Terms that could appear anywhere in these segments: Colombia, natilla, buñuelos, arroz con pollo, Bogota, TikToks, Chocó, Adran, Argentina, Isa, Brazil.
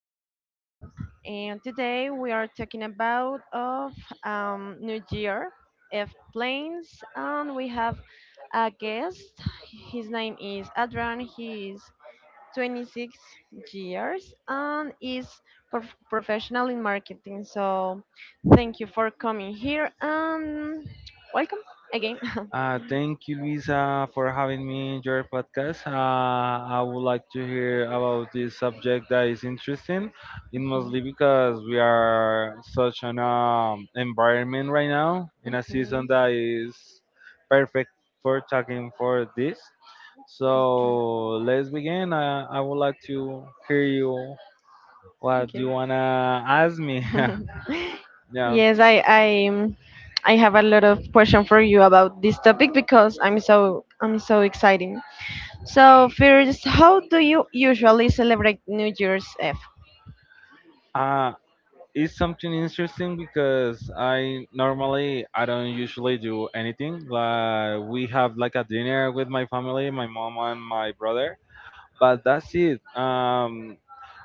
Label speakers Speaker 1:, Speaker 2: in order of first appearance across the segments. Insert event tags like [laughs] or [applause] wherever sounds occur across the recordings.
Speaker 1: podcast. And today we are talking about of New Year F planes, and we have a guest. His name is Adran. He is 26 years and is professional in marketing. So, thank you for coming here and welcome again.
Speaker 2: Thank you, Isa, for having me in your podcast. I would like to hear about this subject that is interesting, in mostly
Speaker 1: [laughs]
Speaker 2: because we are such an environment right now in a season
Speaker 1: Mhm.
Speaker 2: that is perfect for talking for this. So let's begin. I would like to hear you what you wanna ask me.
Speaker 1: [laughs]
Speaker 2: [laughs] yeah.
Speaker 1: Yes, I have a lot of question for you about this topic because I'm so exciting. So first, how do you usually celebrate New Year's Eve?
Speaker 2: Uh, it's something interesting because I don't usually do anything. Like we have like a dinner with my family, my mom and my brother, but that's it.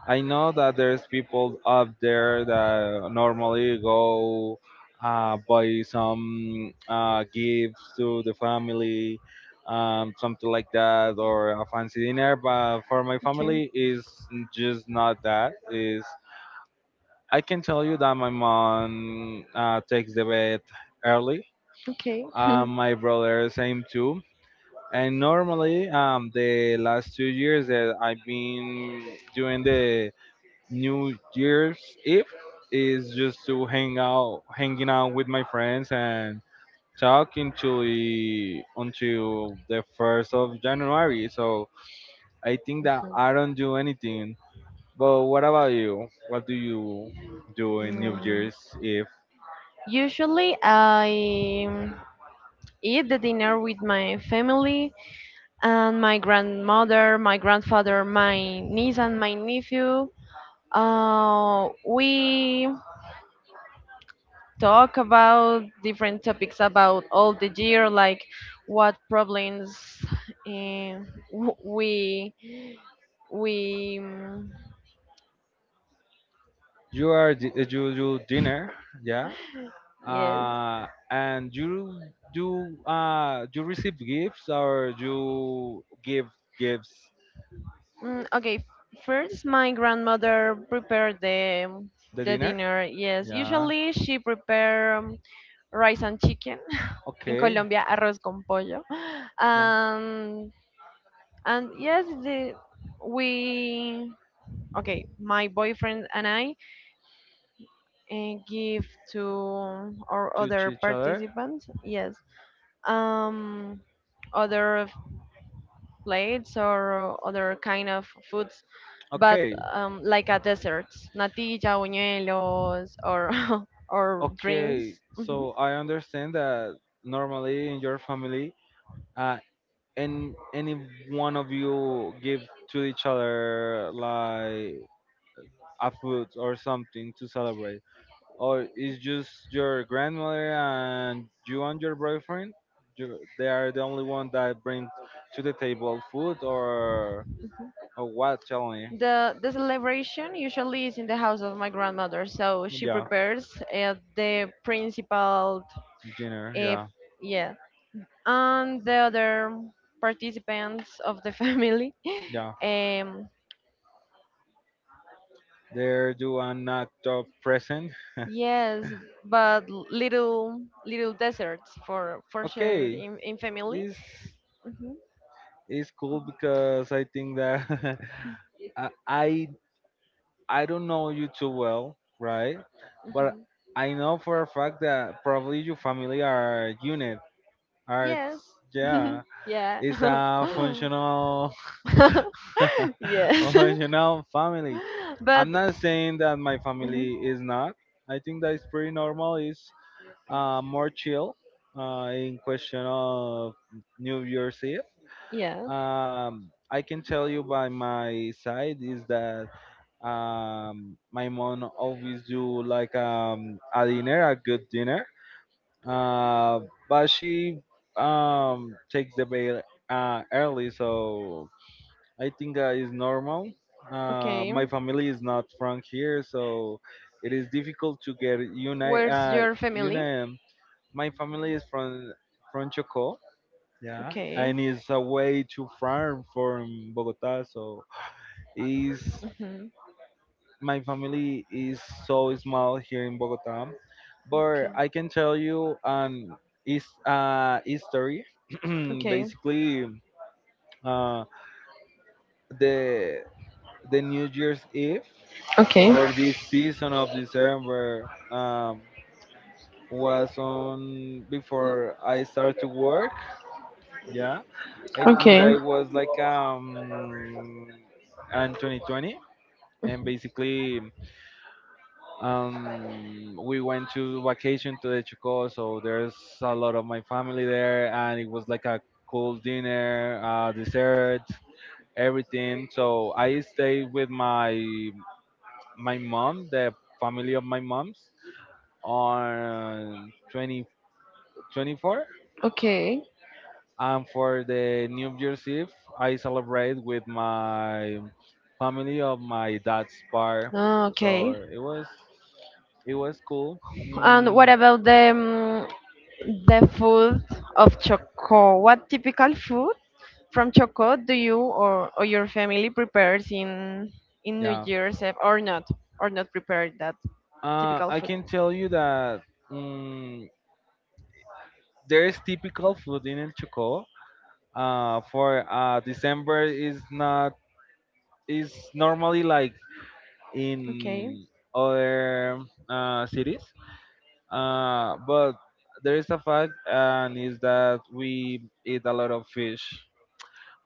Speaker 2: I know that there's people out there that normally go buy some gifts to the family, something like that, or a fancy dinner. But for my
Speaker 1: Okay,
Speaker 2: family, is just not that. Is I can tell you that my mom takes the bed early.
Speaker 1: okay. [laughs]
Speaker 2: My brother, same too. And normally, the last 2 years that I've been doing the New Year's Eve is just to hang out, hanging out with my friends and talk until the 1st of January. So I think that I don't do anything. But what about you? What do you do in New
Speaker 1: Mm,
Speaker 2: Year's Eve?
Speaker 1: Usually, I eat the dinner with my family and my grandmother, my grandfather, my niece, and my nephew. We talk about different topics about all the year, like what problems eh, w- we we mm,
Speaker 2: You are you do dinner, yeah,
Speaker 1: yes.
Speaker 2: and you do, you receive gifts or you give gifts,
Speaker 1: Okay, first my grandmother prepared the
Speaker 2: the
Speaker 1: the
Speaker 2: dinner,
Speaker 1: dinner. Yes,
Speaker 2: yeah,
Speaker 1: usually she prepare rice and chicken. [laughs] In
Speaker 2: okay,
Speaker 1: Colombia, arroz con pollo.
Speaker 2: yeah,
Speaker 1: Um, and yes, the we okay. My boyfriend and I and give to our
Speaker 2: to
Speaker 1: other
Speaker 2: each other,
Speaker 1: participants. Yes. Um, other plates or other kind of foods, but
Speaker 2: okay.
Speaker 1: like a desserts, natilla, buñuelos, or [laughs] or
Speaker 2: Okay,
Speaker 1: drinks. Mhm.
Speaker 2: so I understand that normally in your family, uh and any one of you give to each other like a food or something to celebrate. Or it's just your grandmother and you and your boyfriend? You, they are the only one that bring to the table food or what? Tell me.
Speaker 1: The celebration usually is in the house of my grandmother, so she
Speaker 2: Yeah,
Speaker 1: prepares the principal,
Speaker 2: dinner.
Speaker 1: uh,
Speaker 2: Yeah,
Speaker 1: yeah, and the other participants of the [laughs] family.
Speaker 2: yeah.
Speaker 1: um,
Speaker 2: There do are not present.
Speaker 1: Yes, but little deserts for shared
Speaker 2: Okay,
Speaker 1: in family.
Speaker 2: it's
Speaker 1: Hmm.
Speaker 2: it's cool because I think that [laughs] I I don't know you too well, right? But
Speaker 1: Hmm.
Speaker 2: I know for a fact that probably your family are unit. Are
Speaker 1: Yes.
Speaker 2: yeah.
Speaker 1: [laughs] Yeah.
Speaker 2: It's a
Speaker 1: [laughs]
Speaker 2: functional, [laughs] a
Speaker 1: Yes.
Speaker 2: functional family.
Speaker 1: [laughs] But
Speaker 2: I'm not saying that my
Speaker 1: mhm,
Speaker 2: family is not. I think that it's pretty normal. It's more chill in question of New Year's Eve.
Speaker 1: yeah.
Speaker 2: I can tell you by my side is that my mom always do like a dinner, a good dinner. Uh, but she takes the bed early, so I think it's normal. My
Speaker 1: Okay.
Speaker 2: family is not from here, so it is difficult to get unite.
Speaker 1: Where's your family?
Speaker 2: Uni- my family is from Chocó, yeah,
Speaker 1: Okay.
Speaker 2: and it's away too far from Bogota. So is
Speaker 1: Hmm.
Speaker 2: my family is so small here in Bogota, but
Speaker 1: Okay.
Speaker 2: I can tell you an is history. [clears throat]
Speaker 1: Okay.
Speaker 2: Basically, uh, the the New Year's Eve
Speaker 1: Okay.
Speaker 2: or this season of December was on before I start to work. Yeah, I think that
Speaker 1: Okay.
Speaker 2: it was like and 2020, and basically we went to vacation to the Chico, so there's a lot of my family there, and it was like a cool dinner, dessert, everything. So I stayed with my mom, the family of my mom's. On 2024,
Speaker 1: Okay.
Speaker 2: and for the New Year's Eve, I celebrate with my family of my dad's part.
Speaker 1: Okay.
Speaker 2: So it was cool.
Speaker 1: And what
Speaker 2: Mm,
Speaker 1: about them? The food of Chocó. What typical food from Chocó do you or your family prepares in New
Speaker 2: yeah.
Speaker 1: Year's Eve or not prepare that typical
Speaker 2: I
Speaker 1: food?
Speaker 2: can tell you that mm, there is typical food in Choco. For December is not is normally like
Speaker 1: Okay,
Speaker 2: in other cities. But there is a fact, and is that we eat a lot of fish.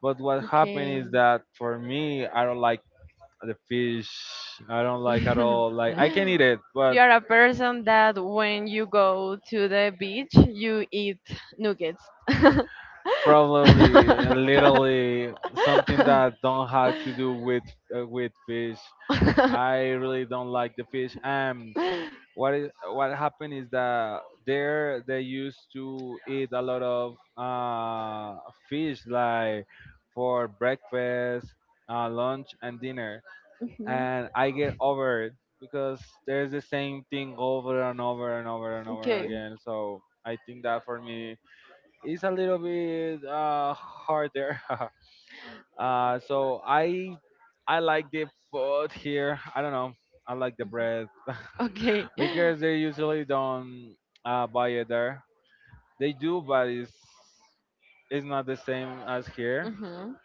Speaker 2: But what happened
Speaker 1: okay.
Speaker 2: is that for me, I don't like the fish. I don't like at all.
Speaker 1: [laughs]
Speaker 2: Like I can eat it, but
Speaker 1: You are a person that when you go to the beach you eat nuggets. [laughs]
Speaker 2: probably literally something that don't have to do with fish. I really don't like the fish. And what happened is that there they used to eat a lot of fish like for breakfast, lunch and dinner,
Speaker 1: Mhm.
Speaker 2: and I get over it because there's the same thing over and over and over and over
Speaker 1: Okay,
Speaker 2: again, so I think that for me is a little bit harder. [laughs] uh, so i I like the food here, I don't know, I like the bread. [laughs]
Speaker 1: okay.
Speaker 2: Because they usually don't buy it there. They do, but it's not the same as here.
Speaker 1: Mhm,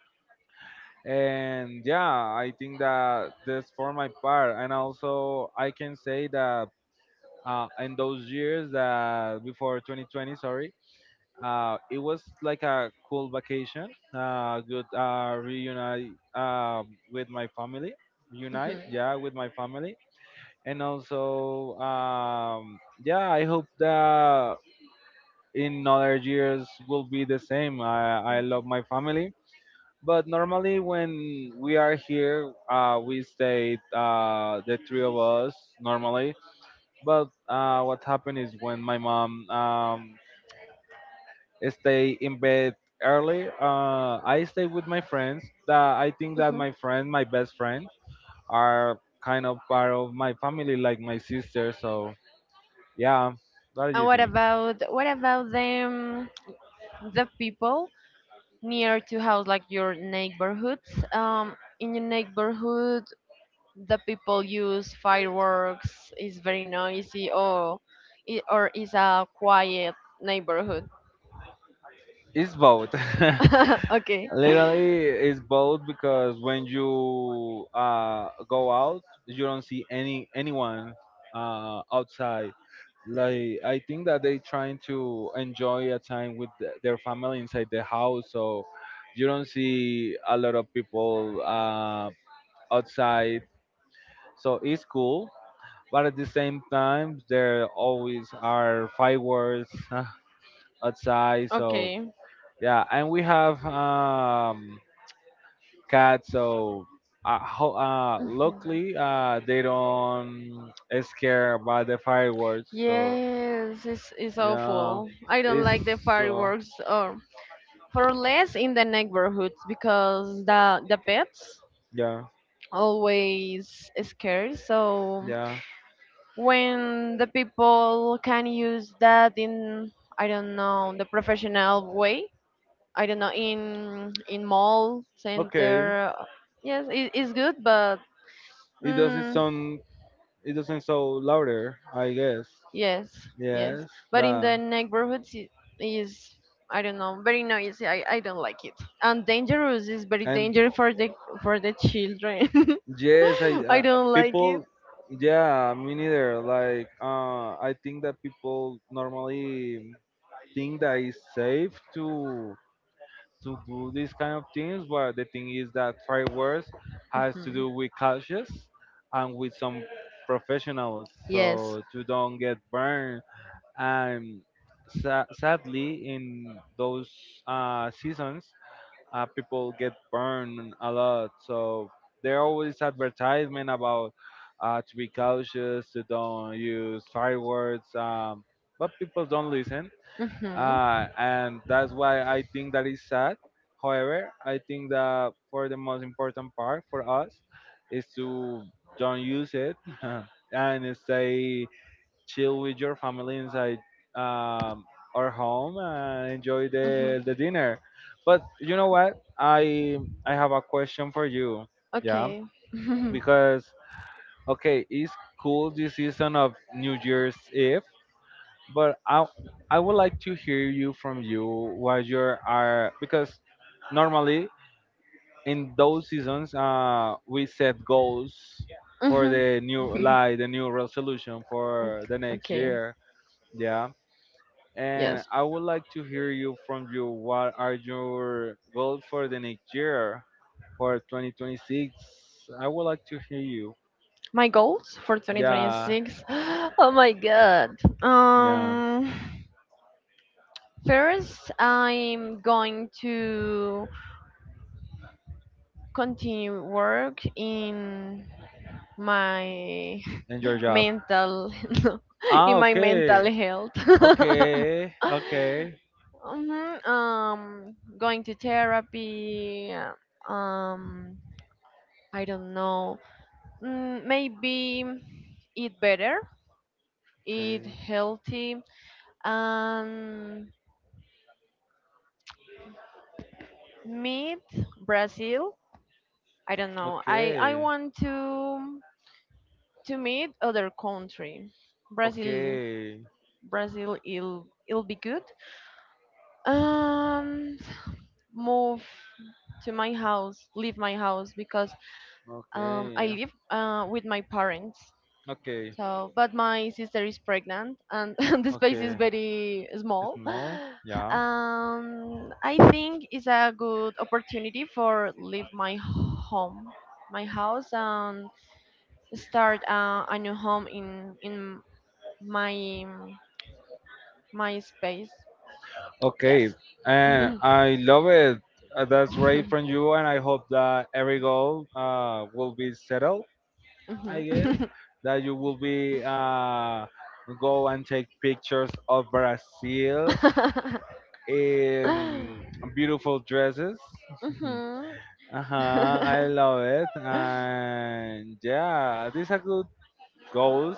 Speaker 2: And yeah, I think that that's for my part. And also, I can say that in those years that before 2020, sorry, it was like a cool vacation. Good reunite with my family. Unite,
Speaker 1: mhm,
Speaker 2: yeah, with my family. And also, yeah, I hope that in other years will be the same. I love my family. But normally, when we are here, we stay the three of us normally. But what happened is when my mom stay in bed early, I stay with my friends. That I think that
Speaker 1: mhm.
Speaker 2: my friend, my best friend, are kind of part of my family, like my sister. So yeah, what do
Speaker 1: And
Speaker 2: you
Speaker 1: what
Speaker 2: think?
Speaker 1: about what about them the people near to house like your neighborhoods? In your neighborhood, the people use fireworks. Is very noisy, or or is a quiet neighborhood.
Speaker 2: It's both. [laughs]
Speaker 1: [laughs] Okay,
Speaker 2: Literally, it's both because when you go out, you don't see anyone outside. Like I think that they trying to enjoy a time with their family inside the house, so you don't see a lot of people outside. So it's cool, but at the same time, there always are fireworks [laughs] outside. So
Speaker 1: okay.
Speaker 2: yeah, and we have cats. So
Speaker 1: Mhm.
Speaker 2: luckily, they don't scare by the fireworks. So
Speaker 1: Yes, it's
Speaker 2: yeah,
Speaker 1: awful. I don't
Speaker 2: it's
Speaker 1: like the
Speaker 2: so
Speaker 1: fireworks or for less in the neighborhoods because the pets
Speaker 2: yeah,
Speaker 1: always scarce. So
Speaker 2: yeah.
Speaker 1: when the people can use that in, I don't know, the professional way, I don't know, in mall
Speaker 2: Okay,
Speaker 1: center, yes, it's good, but
Speaker 2: it doesn't
Speaker 1: mm,
Speaker 2: sound it doesn't sound louder. I guess
Speaker 1: yes, yes,
Speaker 2: yes,
Speaker 1: but in
Speaker 2: that
Speaker 1: the neighborhoods it is. I don't know, very noisy. I don't like it. And dangerous is very
Speaker 2: and
Speaker 1: dangerous for the children.
Speaker 2: yes, I
Speaker 1: [laughs] I don't like it.
Speaker 2: people. Yeah, me neither. Like, I think that people normally think that it's safe to do these kind of things, but the thing is that fireworks has to
Speaker 1: Mhm.
Speaker 2: do with cautious and with some professionals,
Speaker 1: Yes.
Speaker 2: so you don't get burned. And sadly, in those seasons, people get burned a lot. So there are always advertisement about to be cautious, to don't use fireworks, but people don't listen,
Speaker 1: Hmm.
Speaker 2: and that's why I think that is sad. However, I think that for the most important part for us is to don't use it [laughs] and stay chill with your family inside um, our home and enjoy
Speaker 1: Mm-hmm.
Speaker 2: the dinner. But you know what? I have a question for you. Yeah,
Speaker 1: Okay. [laughs]
Speaker 2: because okay, it's cool this season of New Year's Eve, but I would like to hear you from you what you are, because normally in those seasons we set goals for
Speaker 1: Mm-hmm.
Speaker 2: the new, like the new resolution for the
Speaker 1: [laughs]
Speaker 2: next
Speaker 1: Okay.
Speaker 2: year. Yeah, and
Speaker 1: Yes.
Speaker 2: I would like to hear you from you what are your goals for the next year, for 2026. I would like to hear you,
Speaker 1: My goals for
Speaker 2: yeah,
Speaker 1: 2026. [gasps] Oh my god.
Speaker 2: yeah,
Speaker 1: First I'm going to continue work in my
Speaker 2: and your
Speaker 1: [laughs]
Speaker 2: job,
Speaker 1: mental [laughs] no,
Speaker 2: ah
Speaker 1: in my
Speaker 2: okay,
Speaker 1: mental health. [laughs]
Speaker 2: okay, okay,
Speaker 1: Mhm. Going to therapy, um I don't know, maybe eat better, eat
Speaker 2: okay.
Speaker 1: healthy, and meet Brazil. I don't know. I
Speaker 2: Okay,
Speaker 1: want to meet other country. Brazil
Speaker 2: okay,
Speaker 1: Brazil it'll be good. And move to my house, leave my house because
Speaker 2: okay,
Speaker 1: I
Speaker 2: yeah,
Speaker 1: live with my parents.
Speaker 2: okay,
Speaker 1: So, but my sister is pregnant, and [laughs] the space is
Speaker 2: okay.
Speaker 1: very small.
Speaker 2: Small, yeah,
Speaker 1: I think it's a good opportunity for leave my home, my house, and start a new home in my my space.
Speaker 2: okay.
Speaker 1: Yes.
Speaker 2: And
Speaker 1: [laughs]
Speaker 2: I love it. That's great
Speaker 1: Mhm.
Speaker 2: from you, and I hope that every goal will be settled. I guess
Speaker 1: Mhm.
Speaker 2: that you will be go and take pictures of Brazil
Speaker 1: [laughs]
Speaker 2: in beautiful dresses. [laughs]
Speaker 1: Mhm.
Speaker 2: Uh-huh, I
Speaker 1: [laughs]
Speaker 2: love it. And yeah, this is a good goes,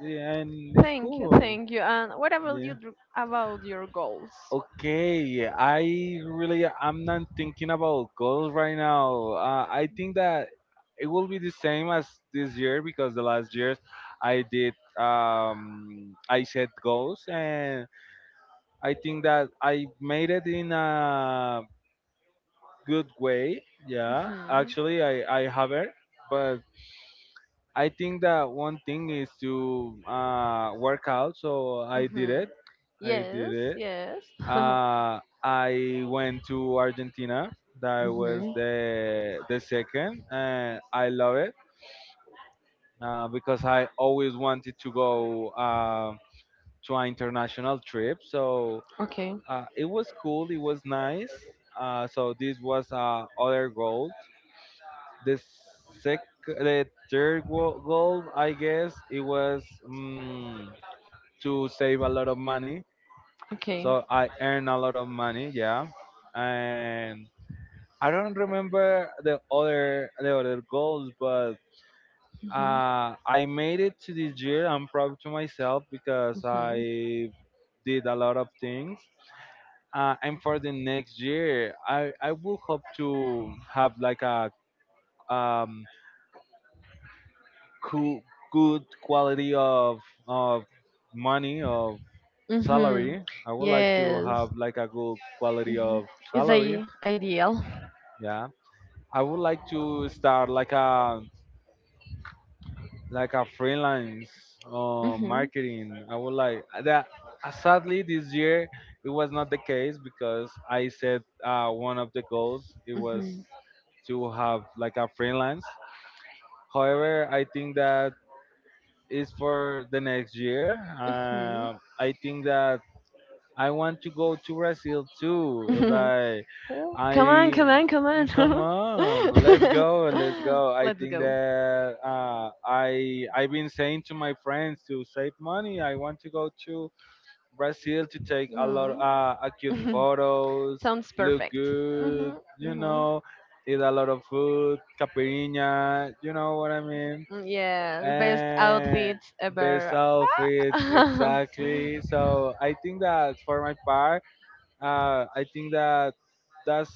Speaker 2: yeah, and it's
Speaker 1: Thank you,
Speaker 2: cool.
Speaker 1: thank you. And what about you
Speaker 2: Yeah.
Speaker 1: about your goals?
Speaker 2: Okay, I really I'm not thinking about goals right now. I think that it will be the same as this year, because the last years I did I set goals, and I think that I made it in a good way. Yeah,
Speaker 1: Mhm.
Speaker 2: actually I haven't, but I think that one thing is to work out, so
Speaker 1: Mm-hmm.
Speaker 2: I did
Speaker 1: Yes,
Speaker 2: it.
Speaker 1: yes. [laughs]
Speaker 2: I went to Argentina. That was
Speaker 1: Mm-hmm.
Speaker 2: the second, and I love it because I always wanted to go to an international trip. So
Speaker 1: Okay,
Speaker 2: it was cool. It was nice. So this was other goal. The sec, the third goal, I guess, it was to save a lot of money.
Speaker 1: okay.
Speaker 2: So I earn a lot of money, yeah. And I don't remember the other goals, but
Speaker 1: Mm-hmm.
Speaker 2: I made it to this year. I'm proud to myself because
Speaker 1: Mm-hmm.
Speaker 2: I did a lot of things. And for the next year, I will hope to have like a um cool good quality of of money of
Speaker 1: Mm-hmm.
Speaker 2: salary. I would like to
Speaker 1: Yes.
Speaker 2: have like a good quality
Speaker 1: Mm-hmm.
Speaker 2: of
Speaker 1: Is
Speaker 2: salary.
Speaker 1: a ideal.
Speaker 2: Yeah. I would like to start like a freelance
Speaker 1: Mm-hmm.
Speaker 2: marketing. I would like that. Sadly, this year it was not the case because I said one of the goals it was
Speaker 1: Mm-hmm.
Speaker 2: to have like a freelance. However, I think that is for the next year. Uh, I think that I want to go to Brazil too.
Speaker 1: Mm-hmm. [laughs]
Speaker 2: Like
Speaker 1: Oh, come on,
Speaker 2: I
Speaker 1: come on, come
Speaker 2: come
Speaker 1: on.
Speaker 2: on, let's go, let's
Speaker 1: [laughs]
Speaker 2: go. I
Speaker 1: Let's
Speaker 2: think
Speaker 1: go.
Speaker 2: that I've been saying to my friends to save money. I want to go to Brazil to take a lot
Speaker 1: Mm.
Speaker 2: cute
Speaker 1: [laughs]
Speaker 2: photos,
Speaker 1: Sounds
Speaker 2: look
Speaker 1: perfect.
Speaker 2: good,
Speaker 1: Mm-hmm.
Speaker 2: you
Speaker 1: Mm-hmm.
Speaker 2: know, eat a lot of food, caipirinha, you know what I mean,
Speaker 1: Yeah, best
Speaker 2: and
Speaker 1: outfits
Speaker 2: best
Speaker 1: ever. [laughs]
Speaker 2: outfits
Speaker 1: Mm-hmm.
Speaker 2: exactly. So I think that for my part I think that that's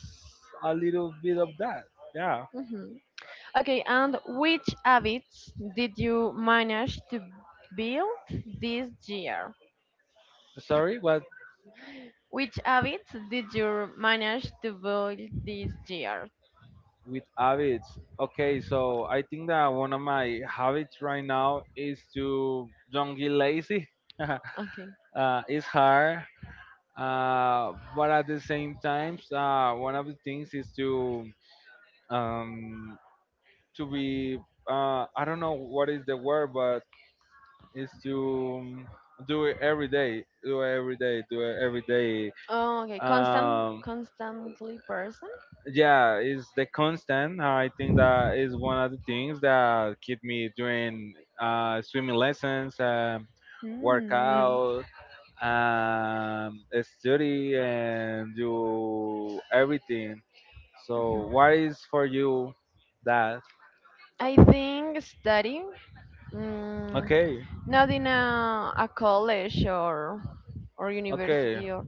Speaker 2: a little bit of that. Yeah.
Speaker 1: Okay, and which habits did you manage to build this year?
Speaker 2: Sorry, what
Speaker 1: Which habits did you manage to build this year?
Speaker 2: with habits? Okay, so I think that one of my habits right now is to don't get lazy. [laughs]
Speaker 1: Okay.
Speaker 2: It's hard, but at the same time, one of the things is um, to be I don't know what is the word, but is to do it every day, do it every day, do it every day
Speaker 1: Oh, okay. Constant,
Speaker 2: um
Speaker 1: constantly person.
Speaker 2: yeah, it's the constant. I think that is one of the things that keep me doing swimming lessons,
Speaker 1: Hmm.
Speaker 2: workout, study, and do everything. So, what is for you that?
Speaker 1: I think studying. Mm,
Speaker 2: Okay,
Speaker 1: Not in a college or
Speaker 2: okay,
Speaker 1: university or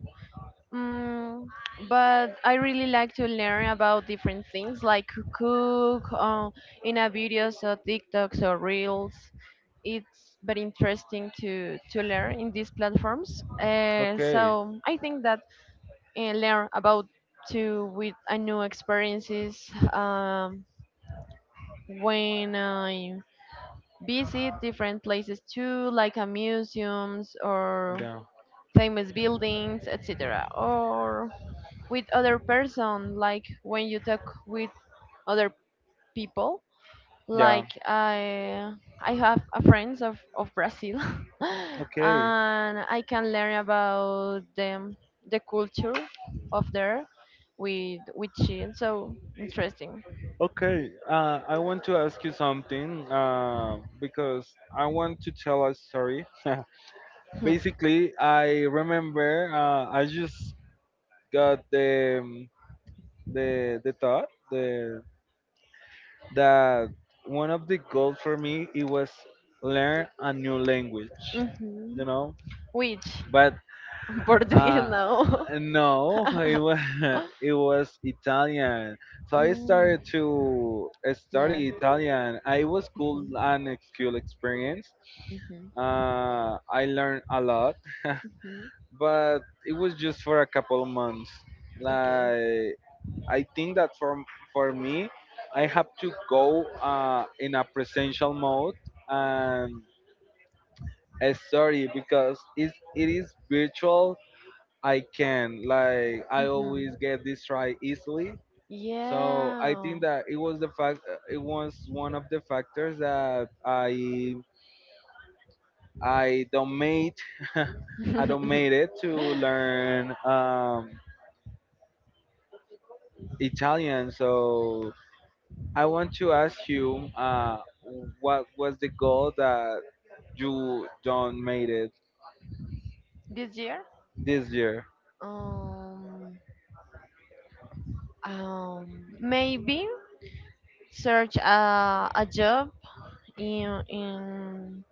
Speaker 1: Mm, but I really like to learn about different things like cook in a videos or TikToks or reels. It's very interesting to learn in these platforms. Uh,
Speaker 2: okay.
Speaker 1: so I think that learn about to with a new experiences when I visit different places too, like a museums or
Speaker 2: Yeah,
Speaker 1: famous buildings, etc. Or with other person like when you talk with other people
Speaker 2: yeah.
Speaker 1: like I have a friends of Brazil [laughs]
Speaker 2: Okay,
Speaker 1: and I can learn about them the culture of there with chill so interesting.
Speaker 2: okay. I want to ask you something because I want to tell a story. [laughs]
Speaker 1: Hmm.
Speaker 2: Basically, I remember I just got the the thought, the that one of the goals for me it was learn a new language, you
Speaker 1: Mhm.
Speaker 2: know,
Speaker 1: Which
Speaker 2: but
Speaker 1: [laughs] Portuguese
Speaker 2: uh
Speaker 1: now?
Speaker 2: no,
Speaker 1: [laughs]
Speaker 2: it was [laughs] it was Italian, so I
Speaker 1: Mm,
Speaker 2: started to
Speaker 1: yeah.
Speaker 2: study Italian. I was cool,
Speaker 1: Mm-hmm.
Speaker 2: an cool experience.
Speaker 1: Mm-hmm.
Speaker 2: I learned a lot,
Speaker 1: Hmm.
Speaker 2: but it was just for a couple of months.
Speaker 1: Okay.
Speaker 2: Like I think that for me, I have to go in a presential mode and a story because it is virtual. I can, like, I
Speaker 1: Mm-hmm.
Speaker 2: always get distracted easily. So I
Speaker 1: Yeah.
Speaker 2: think that it was the fact it was one of the factors that I don't made [laughs] I don't made
Speaker 1: [laughs]
Speaker 2: it to learn. Italian. So I want to ask you, what was the goal that you don't made it
Speaker 1: This year,
Speaker 2: this year?
Speaker 1: um, um, maybe search a job in in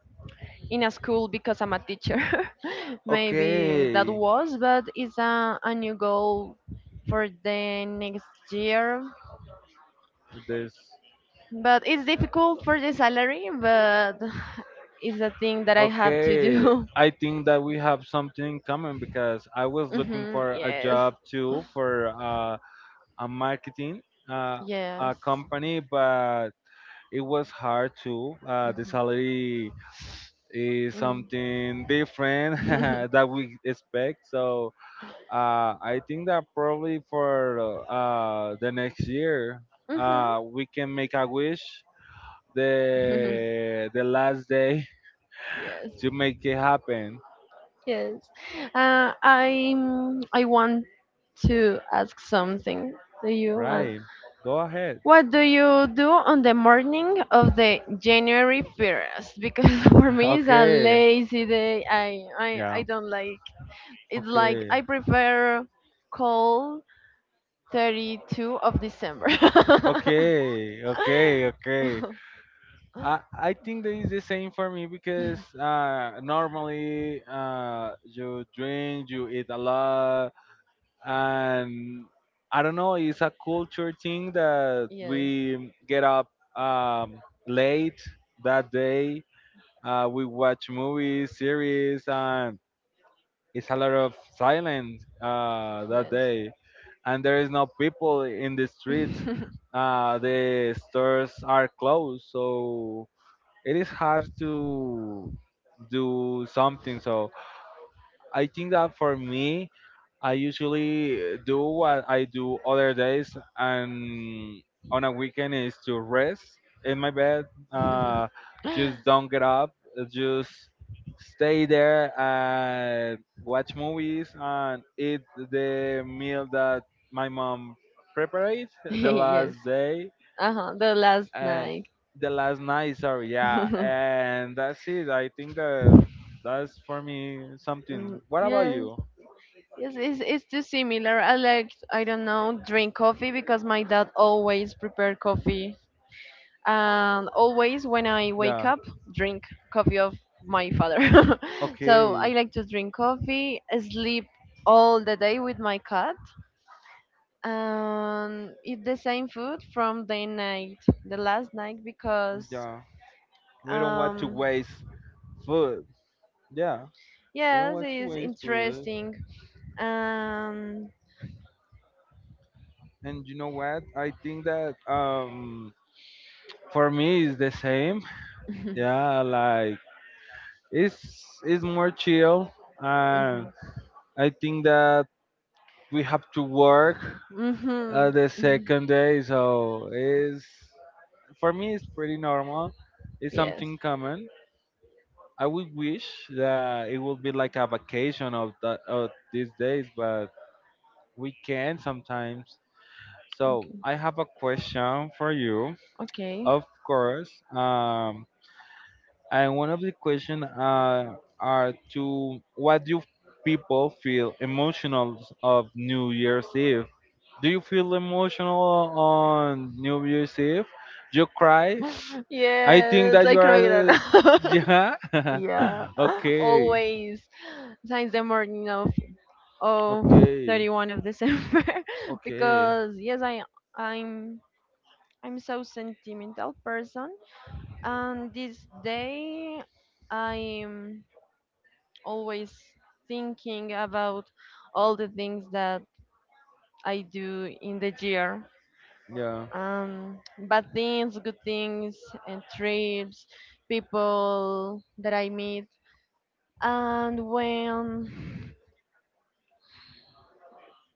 Speaker 1: in a school because I'm a teacher. [laughs] Maybe that
Speaker 2: Okay,
Speaker 1: was, but it's a new goal for the next year.
Speaker 2: this.
Speaker 1: But it's difficult for the salary, but [laughs] it's a thing that I have to
Speaker 2: Okay,
Speaker 1: do. [laughs]
Speaker 2: I think that we have something in common because I was looking
Speaker 1: Hmm.
Speaker 2: for a
Speaker 1: Yes,
Speaker 2: job too for a marketing uh, a
Speaker 1: yes.
Speaker 2: company, but it was hard too. The
Speaker 1: Hmm.
Speaker 2: salary is
Speaker 1: Mm.
Speaker 2: something different [laughs] that
Speaker 1: [laughs]
Speaker 2: we expect, so I think that probably for the next year,
Speaker 1: Mhm.
Speaker 2: we can make a wish
Speaker 1: [laughs]
Speaker 2: the last day
Speaker 1: Yes.
Speaker 2: [laughs] to make it happen.
Speaker 1: Yes. Uh, I I want to ask something to you. Uh,
Speaker 2: Right. Go ahead.
Speaker 1: What do you do on the morning of the January 1st? Because [laughs] for
Speaker 2: [laughs]
Speaker 1: me it's a
Speaker 2: Okay.
Speaker 1: lazy day. I
Speaker 2: Yeah.
Speaker 1: don't like it's like
Speaker 2: Okay.
Speaker 1: I prefer cold 32 of December.
Speaker 2: Okay, okay, okay. I
Speaker 1: [laughs]
Speaker 2: I think that is the same for me because normally you drink, you eat a lot, and I don't know, it's a culture thing that
Speaker 1: Yes.
Speaker 2: we get up um, late that day. We watch movies, series, and it's a lot of silence that
Speaker 1: Yes.
Speaker 2: day. And there is no people in the streets.
Speaker 1: [laughs]
Speaker 2: The stores are closed, so it is hard to do something. So I think that for me, I usually do what I do other days, and on a weekend is to rest in my bed. Uh, just don't get up. Just stay there and watch movies and eat the meal that my mom prepared the
Speaker 1: Yes.
Speaker 2: last day.
Speaker 1: Uh huh. The last
Speaker 2: Uh,
Speaker 1: night.
Speaker 2: the last night, sorry, yeah,
Speaker 1: [laughs]
Speaker 2: and that's it. I think that that's for me something. What about
Speaker 1: Yes.
Speaker 2: you?
Speaker 1: Yes. It's too similar. I like I don't know drink coffee because my dad always prepared coffee and always when I wake
Speaker 2: Yeah.
Speaker 1: up, drink coffee of my father. [laughs] So I
Speaker 2: Okay.
Speaker 1: like to drink coffee, sleep all the day with my cat, and eat the same food from the night, the last night, because
Speaker 2: Yeah. We don't want to
Speaker 1: um
Speaker 2: waste food. Yeah. We don't
Speaker 1: yes,
Speaker 2: want to
Speaker 1: it's
Speaker 2: waste food.
Speaker 1: interesting. Um,
Speaker 2: And you know what? I think that for me it's the same. Yeah, like it's it's more chill and
Speaker 1: mhm,
Speaker 2: I think that we have to work
Speaker 1: mhm,
Speaker 2: the
Speaker 1: mhm,
Speaker 2: second day, so it's for me it's pretty normal. It's
Speaker 1: yes.
Speaker 2: something common. I would wish that it would be like a vacation of, the, of these days, but we can sometimes. So
Speaker 1: Okay.
Speaker 2: I have a question for you,
Speaker 1: Okay.
Speaker 2: of course. And one of the questions are to what do people feel emotional of New Year's Eve? Do you feel emotional on New Year's Eve? You cry? I think
Speaker 1: Yes,
Speaker 2: that
Speaker 1: I
Speaker 2: you
Speaker 1: cry it out.
Speaker 2: are. [laughs] Yeah.
Speaker 1: [laughs]
Speaker 2: [laughs]
Speaker 1: Yeah, [laughs]
Speaker 2: Okay.
Speaker 1: always. Since the morning of
Speaker 2: Okay.
Speaker 1: 31 of December. [laughs]
Speaker 2: Okay.
Speaker 1: Because yes I'm I'm so sentimental person and this day I'm always thinking about all the things that I do in the year,
Speaker 2: Yeah.
Speaker 1: bad things, good things, and trips, people that I meet, and when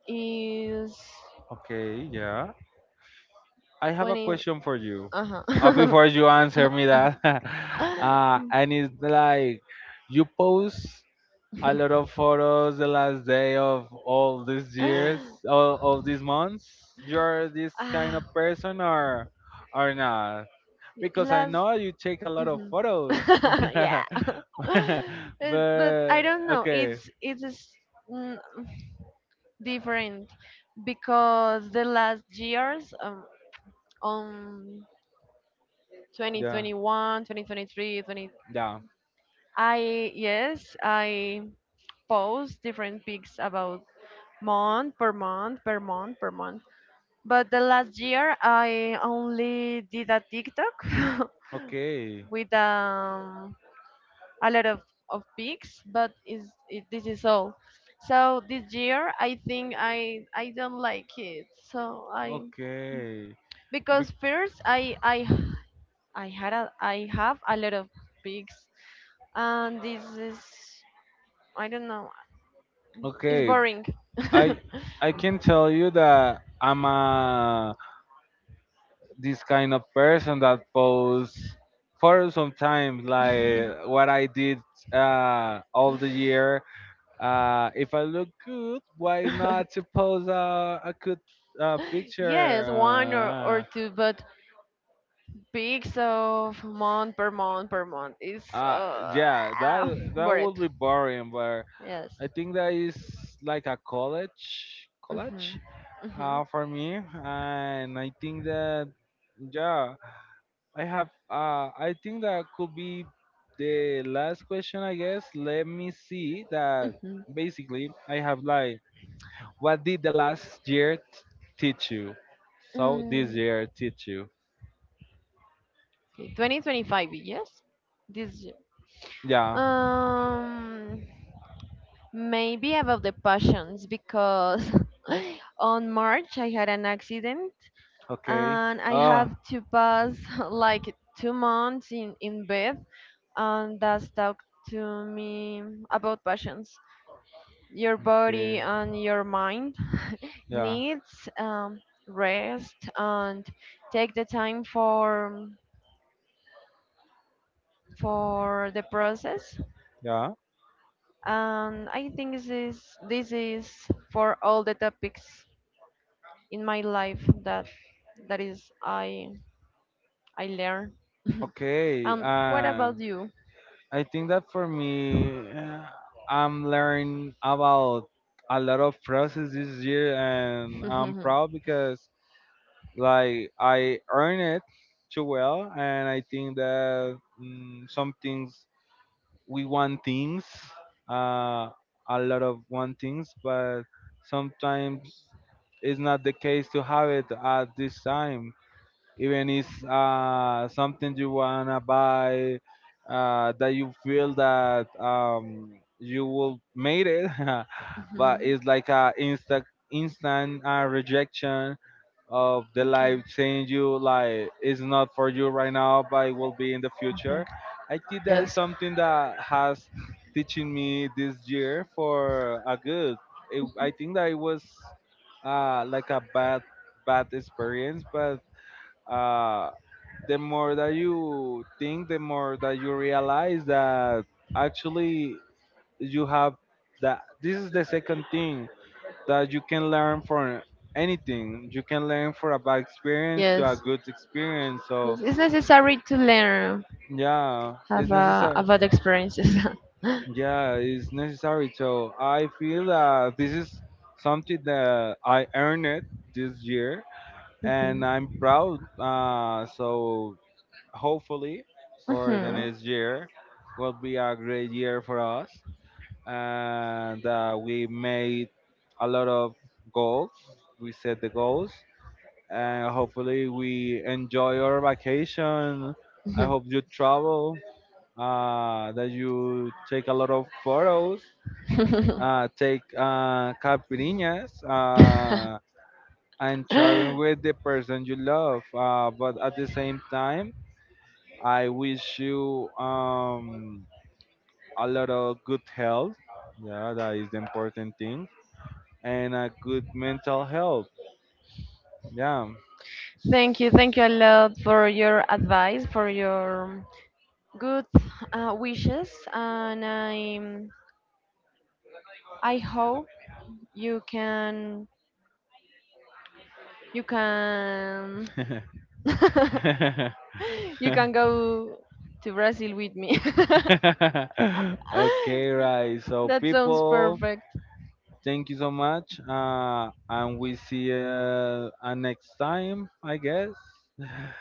Speaker 1: is
Speaker 2: Okay. Yeah. I have a
Speaker 1: when it.
Speaker 2: question for you.
Speaker 1: Uh-huh.
Speaker 2: Before you answer me
Speaker 1: [laughs]
Speaker 2: that, [laughs] and it's like you post a lot of photos the last day of all these years, all of these months. You're this kind of
Speaker 1: Ah,
Speaker 2: person, or not? Because I
Speaker 1: last.
Speaker 2: know you take a lot of
Speaker 1: Mhm.
Speaker 2: photos.
Speaker 1: [laughs] Yeah. [laughs]
Speaker 2: [laughs] But
Speaker 1: But I don't know.
Speaker 2: okay.
Speaker 1: Mm, Different because the last years on
Speaker 2: Yeah.
Speaker 1: 2021, 2023, 20 23, 20,
Speaker 2: Yeah.
Speaker 1: I yes, I post different pics about month per month per month per month. But the last year, I only did a TikTok [laughs]
Speaker 2: Okay.
Speaker 1: with a lot of pics, but this is all. So this year, I think I don't like it. So I
Speaker 2: Okay.
Speaker 1: because first I have a lot of pics, and this is I don't know. It's
Speaker 2: Okay,
Speaker 1: boring.
Speaker 2: I
Speaker 1: [laughs]
Speaker 2: I can tell you that I'm a this kind of person that posts photos sometimes, like what I did all the year. If I look good, why
Speaker 1: [laughs]
Speaker 2: not to post a good picture?
Speaker 1: Yes, one or two, but Peaks of month per month per month. It's
Speaker 2: Uh, yeah, that
Speaker 1: [sighs] [laughs]
Speaker 2: that
Speaker 1: boring.
Speaker 2: would be boring, but I
Speaker 1: Yes.
Speaker 2: think that is like a college
Speaker 1: Hmm. Hmm.
Speaker 2: for me, and I think that yeah, I have. I think that could be the last question, I guess. Let me see that.
Speaker 1: Hmm.
Speaker 2: Basically, I have like, what did the last year teach you? So this
Speaker 1: Mm.
Speaker 2: year teach you?
Speaker 1: Okay, 2025, yes? This year.
Speaker 2: Yeah.
Speaker 1: Um, maybe about the passions because [laughs] on March I had an accident
Speaker 2: Okay.
Speaker 1: and I
Speaker 2: Oh.
Speaker 1: have to pass [laughs] like 2 months in bed and that's talk to me about passions. Your body
Speaker 2: Okay.
Speaker 1: and your mind [laughs]
Speaker 2: Yeah.
Speaker 1: needs rest and take the time for the process
Speaker 2: Yeah.
Speaker 1: and I think this is for all the topics in my life that that is I learn.
Speaker 2: Okay.
Speaker 1: What
Speaker 2: And
Speaker 1: about you?
Speaker 2: I think that for me, I'm learning about a lot of process this year, and I'm
Speaker 1: [laughs]
Speaker 2: proud because like I earn it too well, and I think that some things we want things, uh, a lot of want things, but sometimes it's not the case to have it at this time even if something you wanna buy that you feel that you will made it, [laughs] but
Speaker 1: Mhm.
Speaker 2: it's like a instant rejection of the life
Speaker 1: Okay.
Speaker 2: saying you like it's not for you right now, but it will be in the future. I think that is
Speaker 1: Yes.
Speaker 2: something that has teaching me this year for a good. It, I think that it was like a bad experience, but uh, the more that you think, the more that you realize that actually you have that. This is the second thing that you can learn from anything. You can learn from a bad experience to a
Speaker 1: Yes.
Speaker 2: good experience. So
Speaker 1: Yes, it's necessary to learn
Speaker 2: yeah, it's
Speaker 1: have
Speaker 2: necessary.
Speaker 1: about experiences. [laughs]
Speaker 2: Yeah, it's necessary. So I feel that this is something that I earned it this year,
Speaker 1: Mhm.
Speaker 2: and I'm proud. So hopefully for the
Speaker 1: Mhm,
Speaker 2: next year will be a great year for us and we made a lot of goals, we set the goals, and hopefully we enjoy our vacation. I
Speaker 1: mhm.
Speaker 2: hope you travel, that you take a lot of photos, take caipirinhas,
Speaker 1: [laughs]
Speaker 2: and sharing with the person you love, but at the same time I wish you a lot of good health. Yeah, that is the important thing, and a good mental health. Yeah.
Speaker 1: Thank you, thank you a lot for your advice, for your good wishes, and I hope you can you can [laughs] you can go to Brazil with me. [laughs]
Speaker 2: [laughs] Okay, right. So,
Speaker 1: That sounds
Speaker 2: people,
Speaker 1: perfect.
Speaker 2: thank you so much. And we see you next time, I guess. [laughs]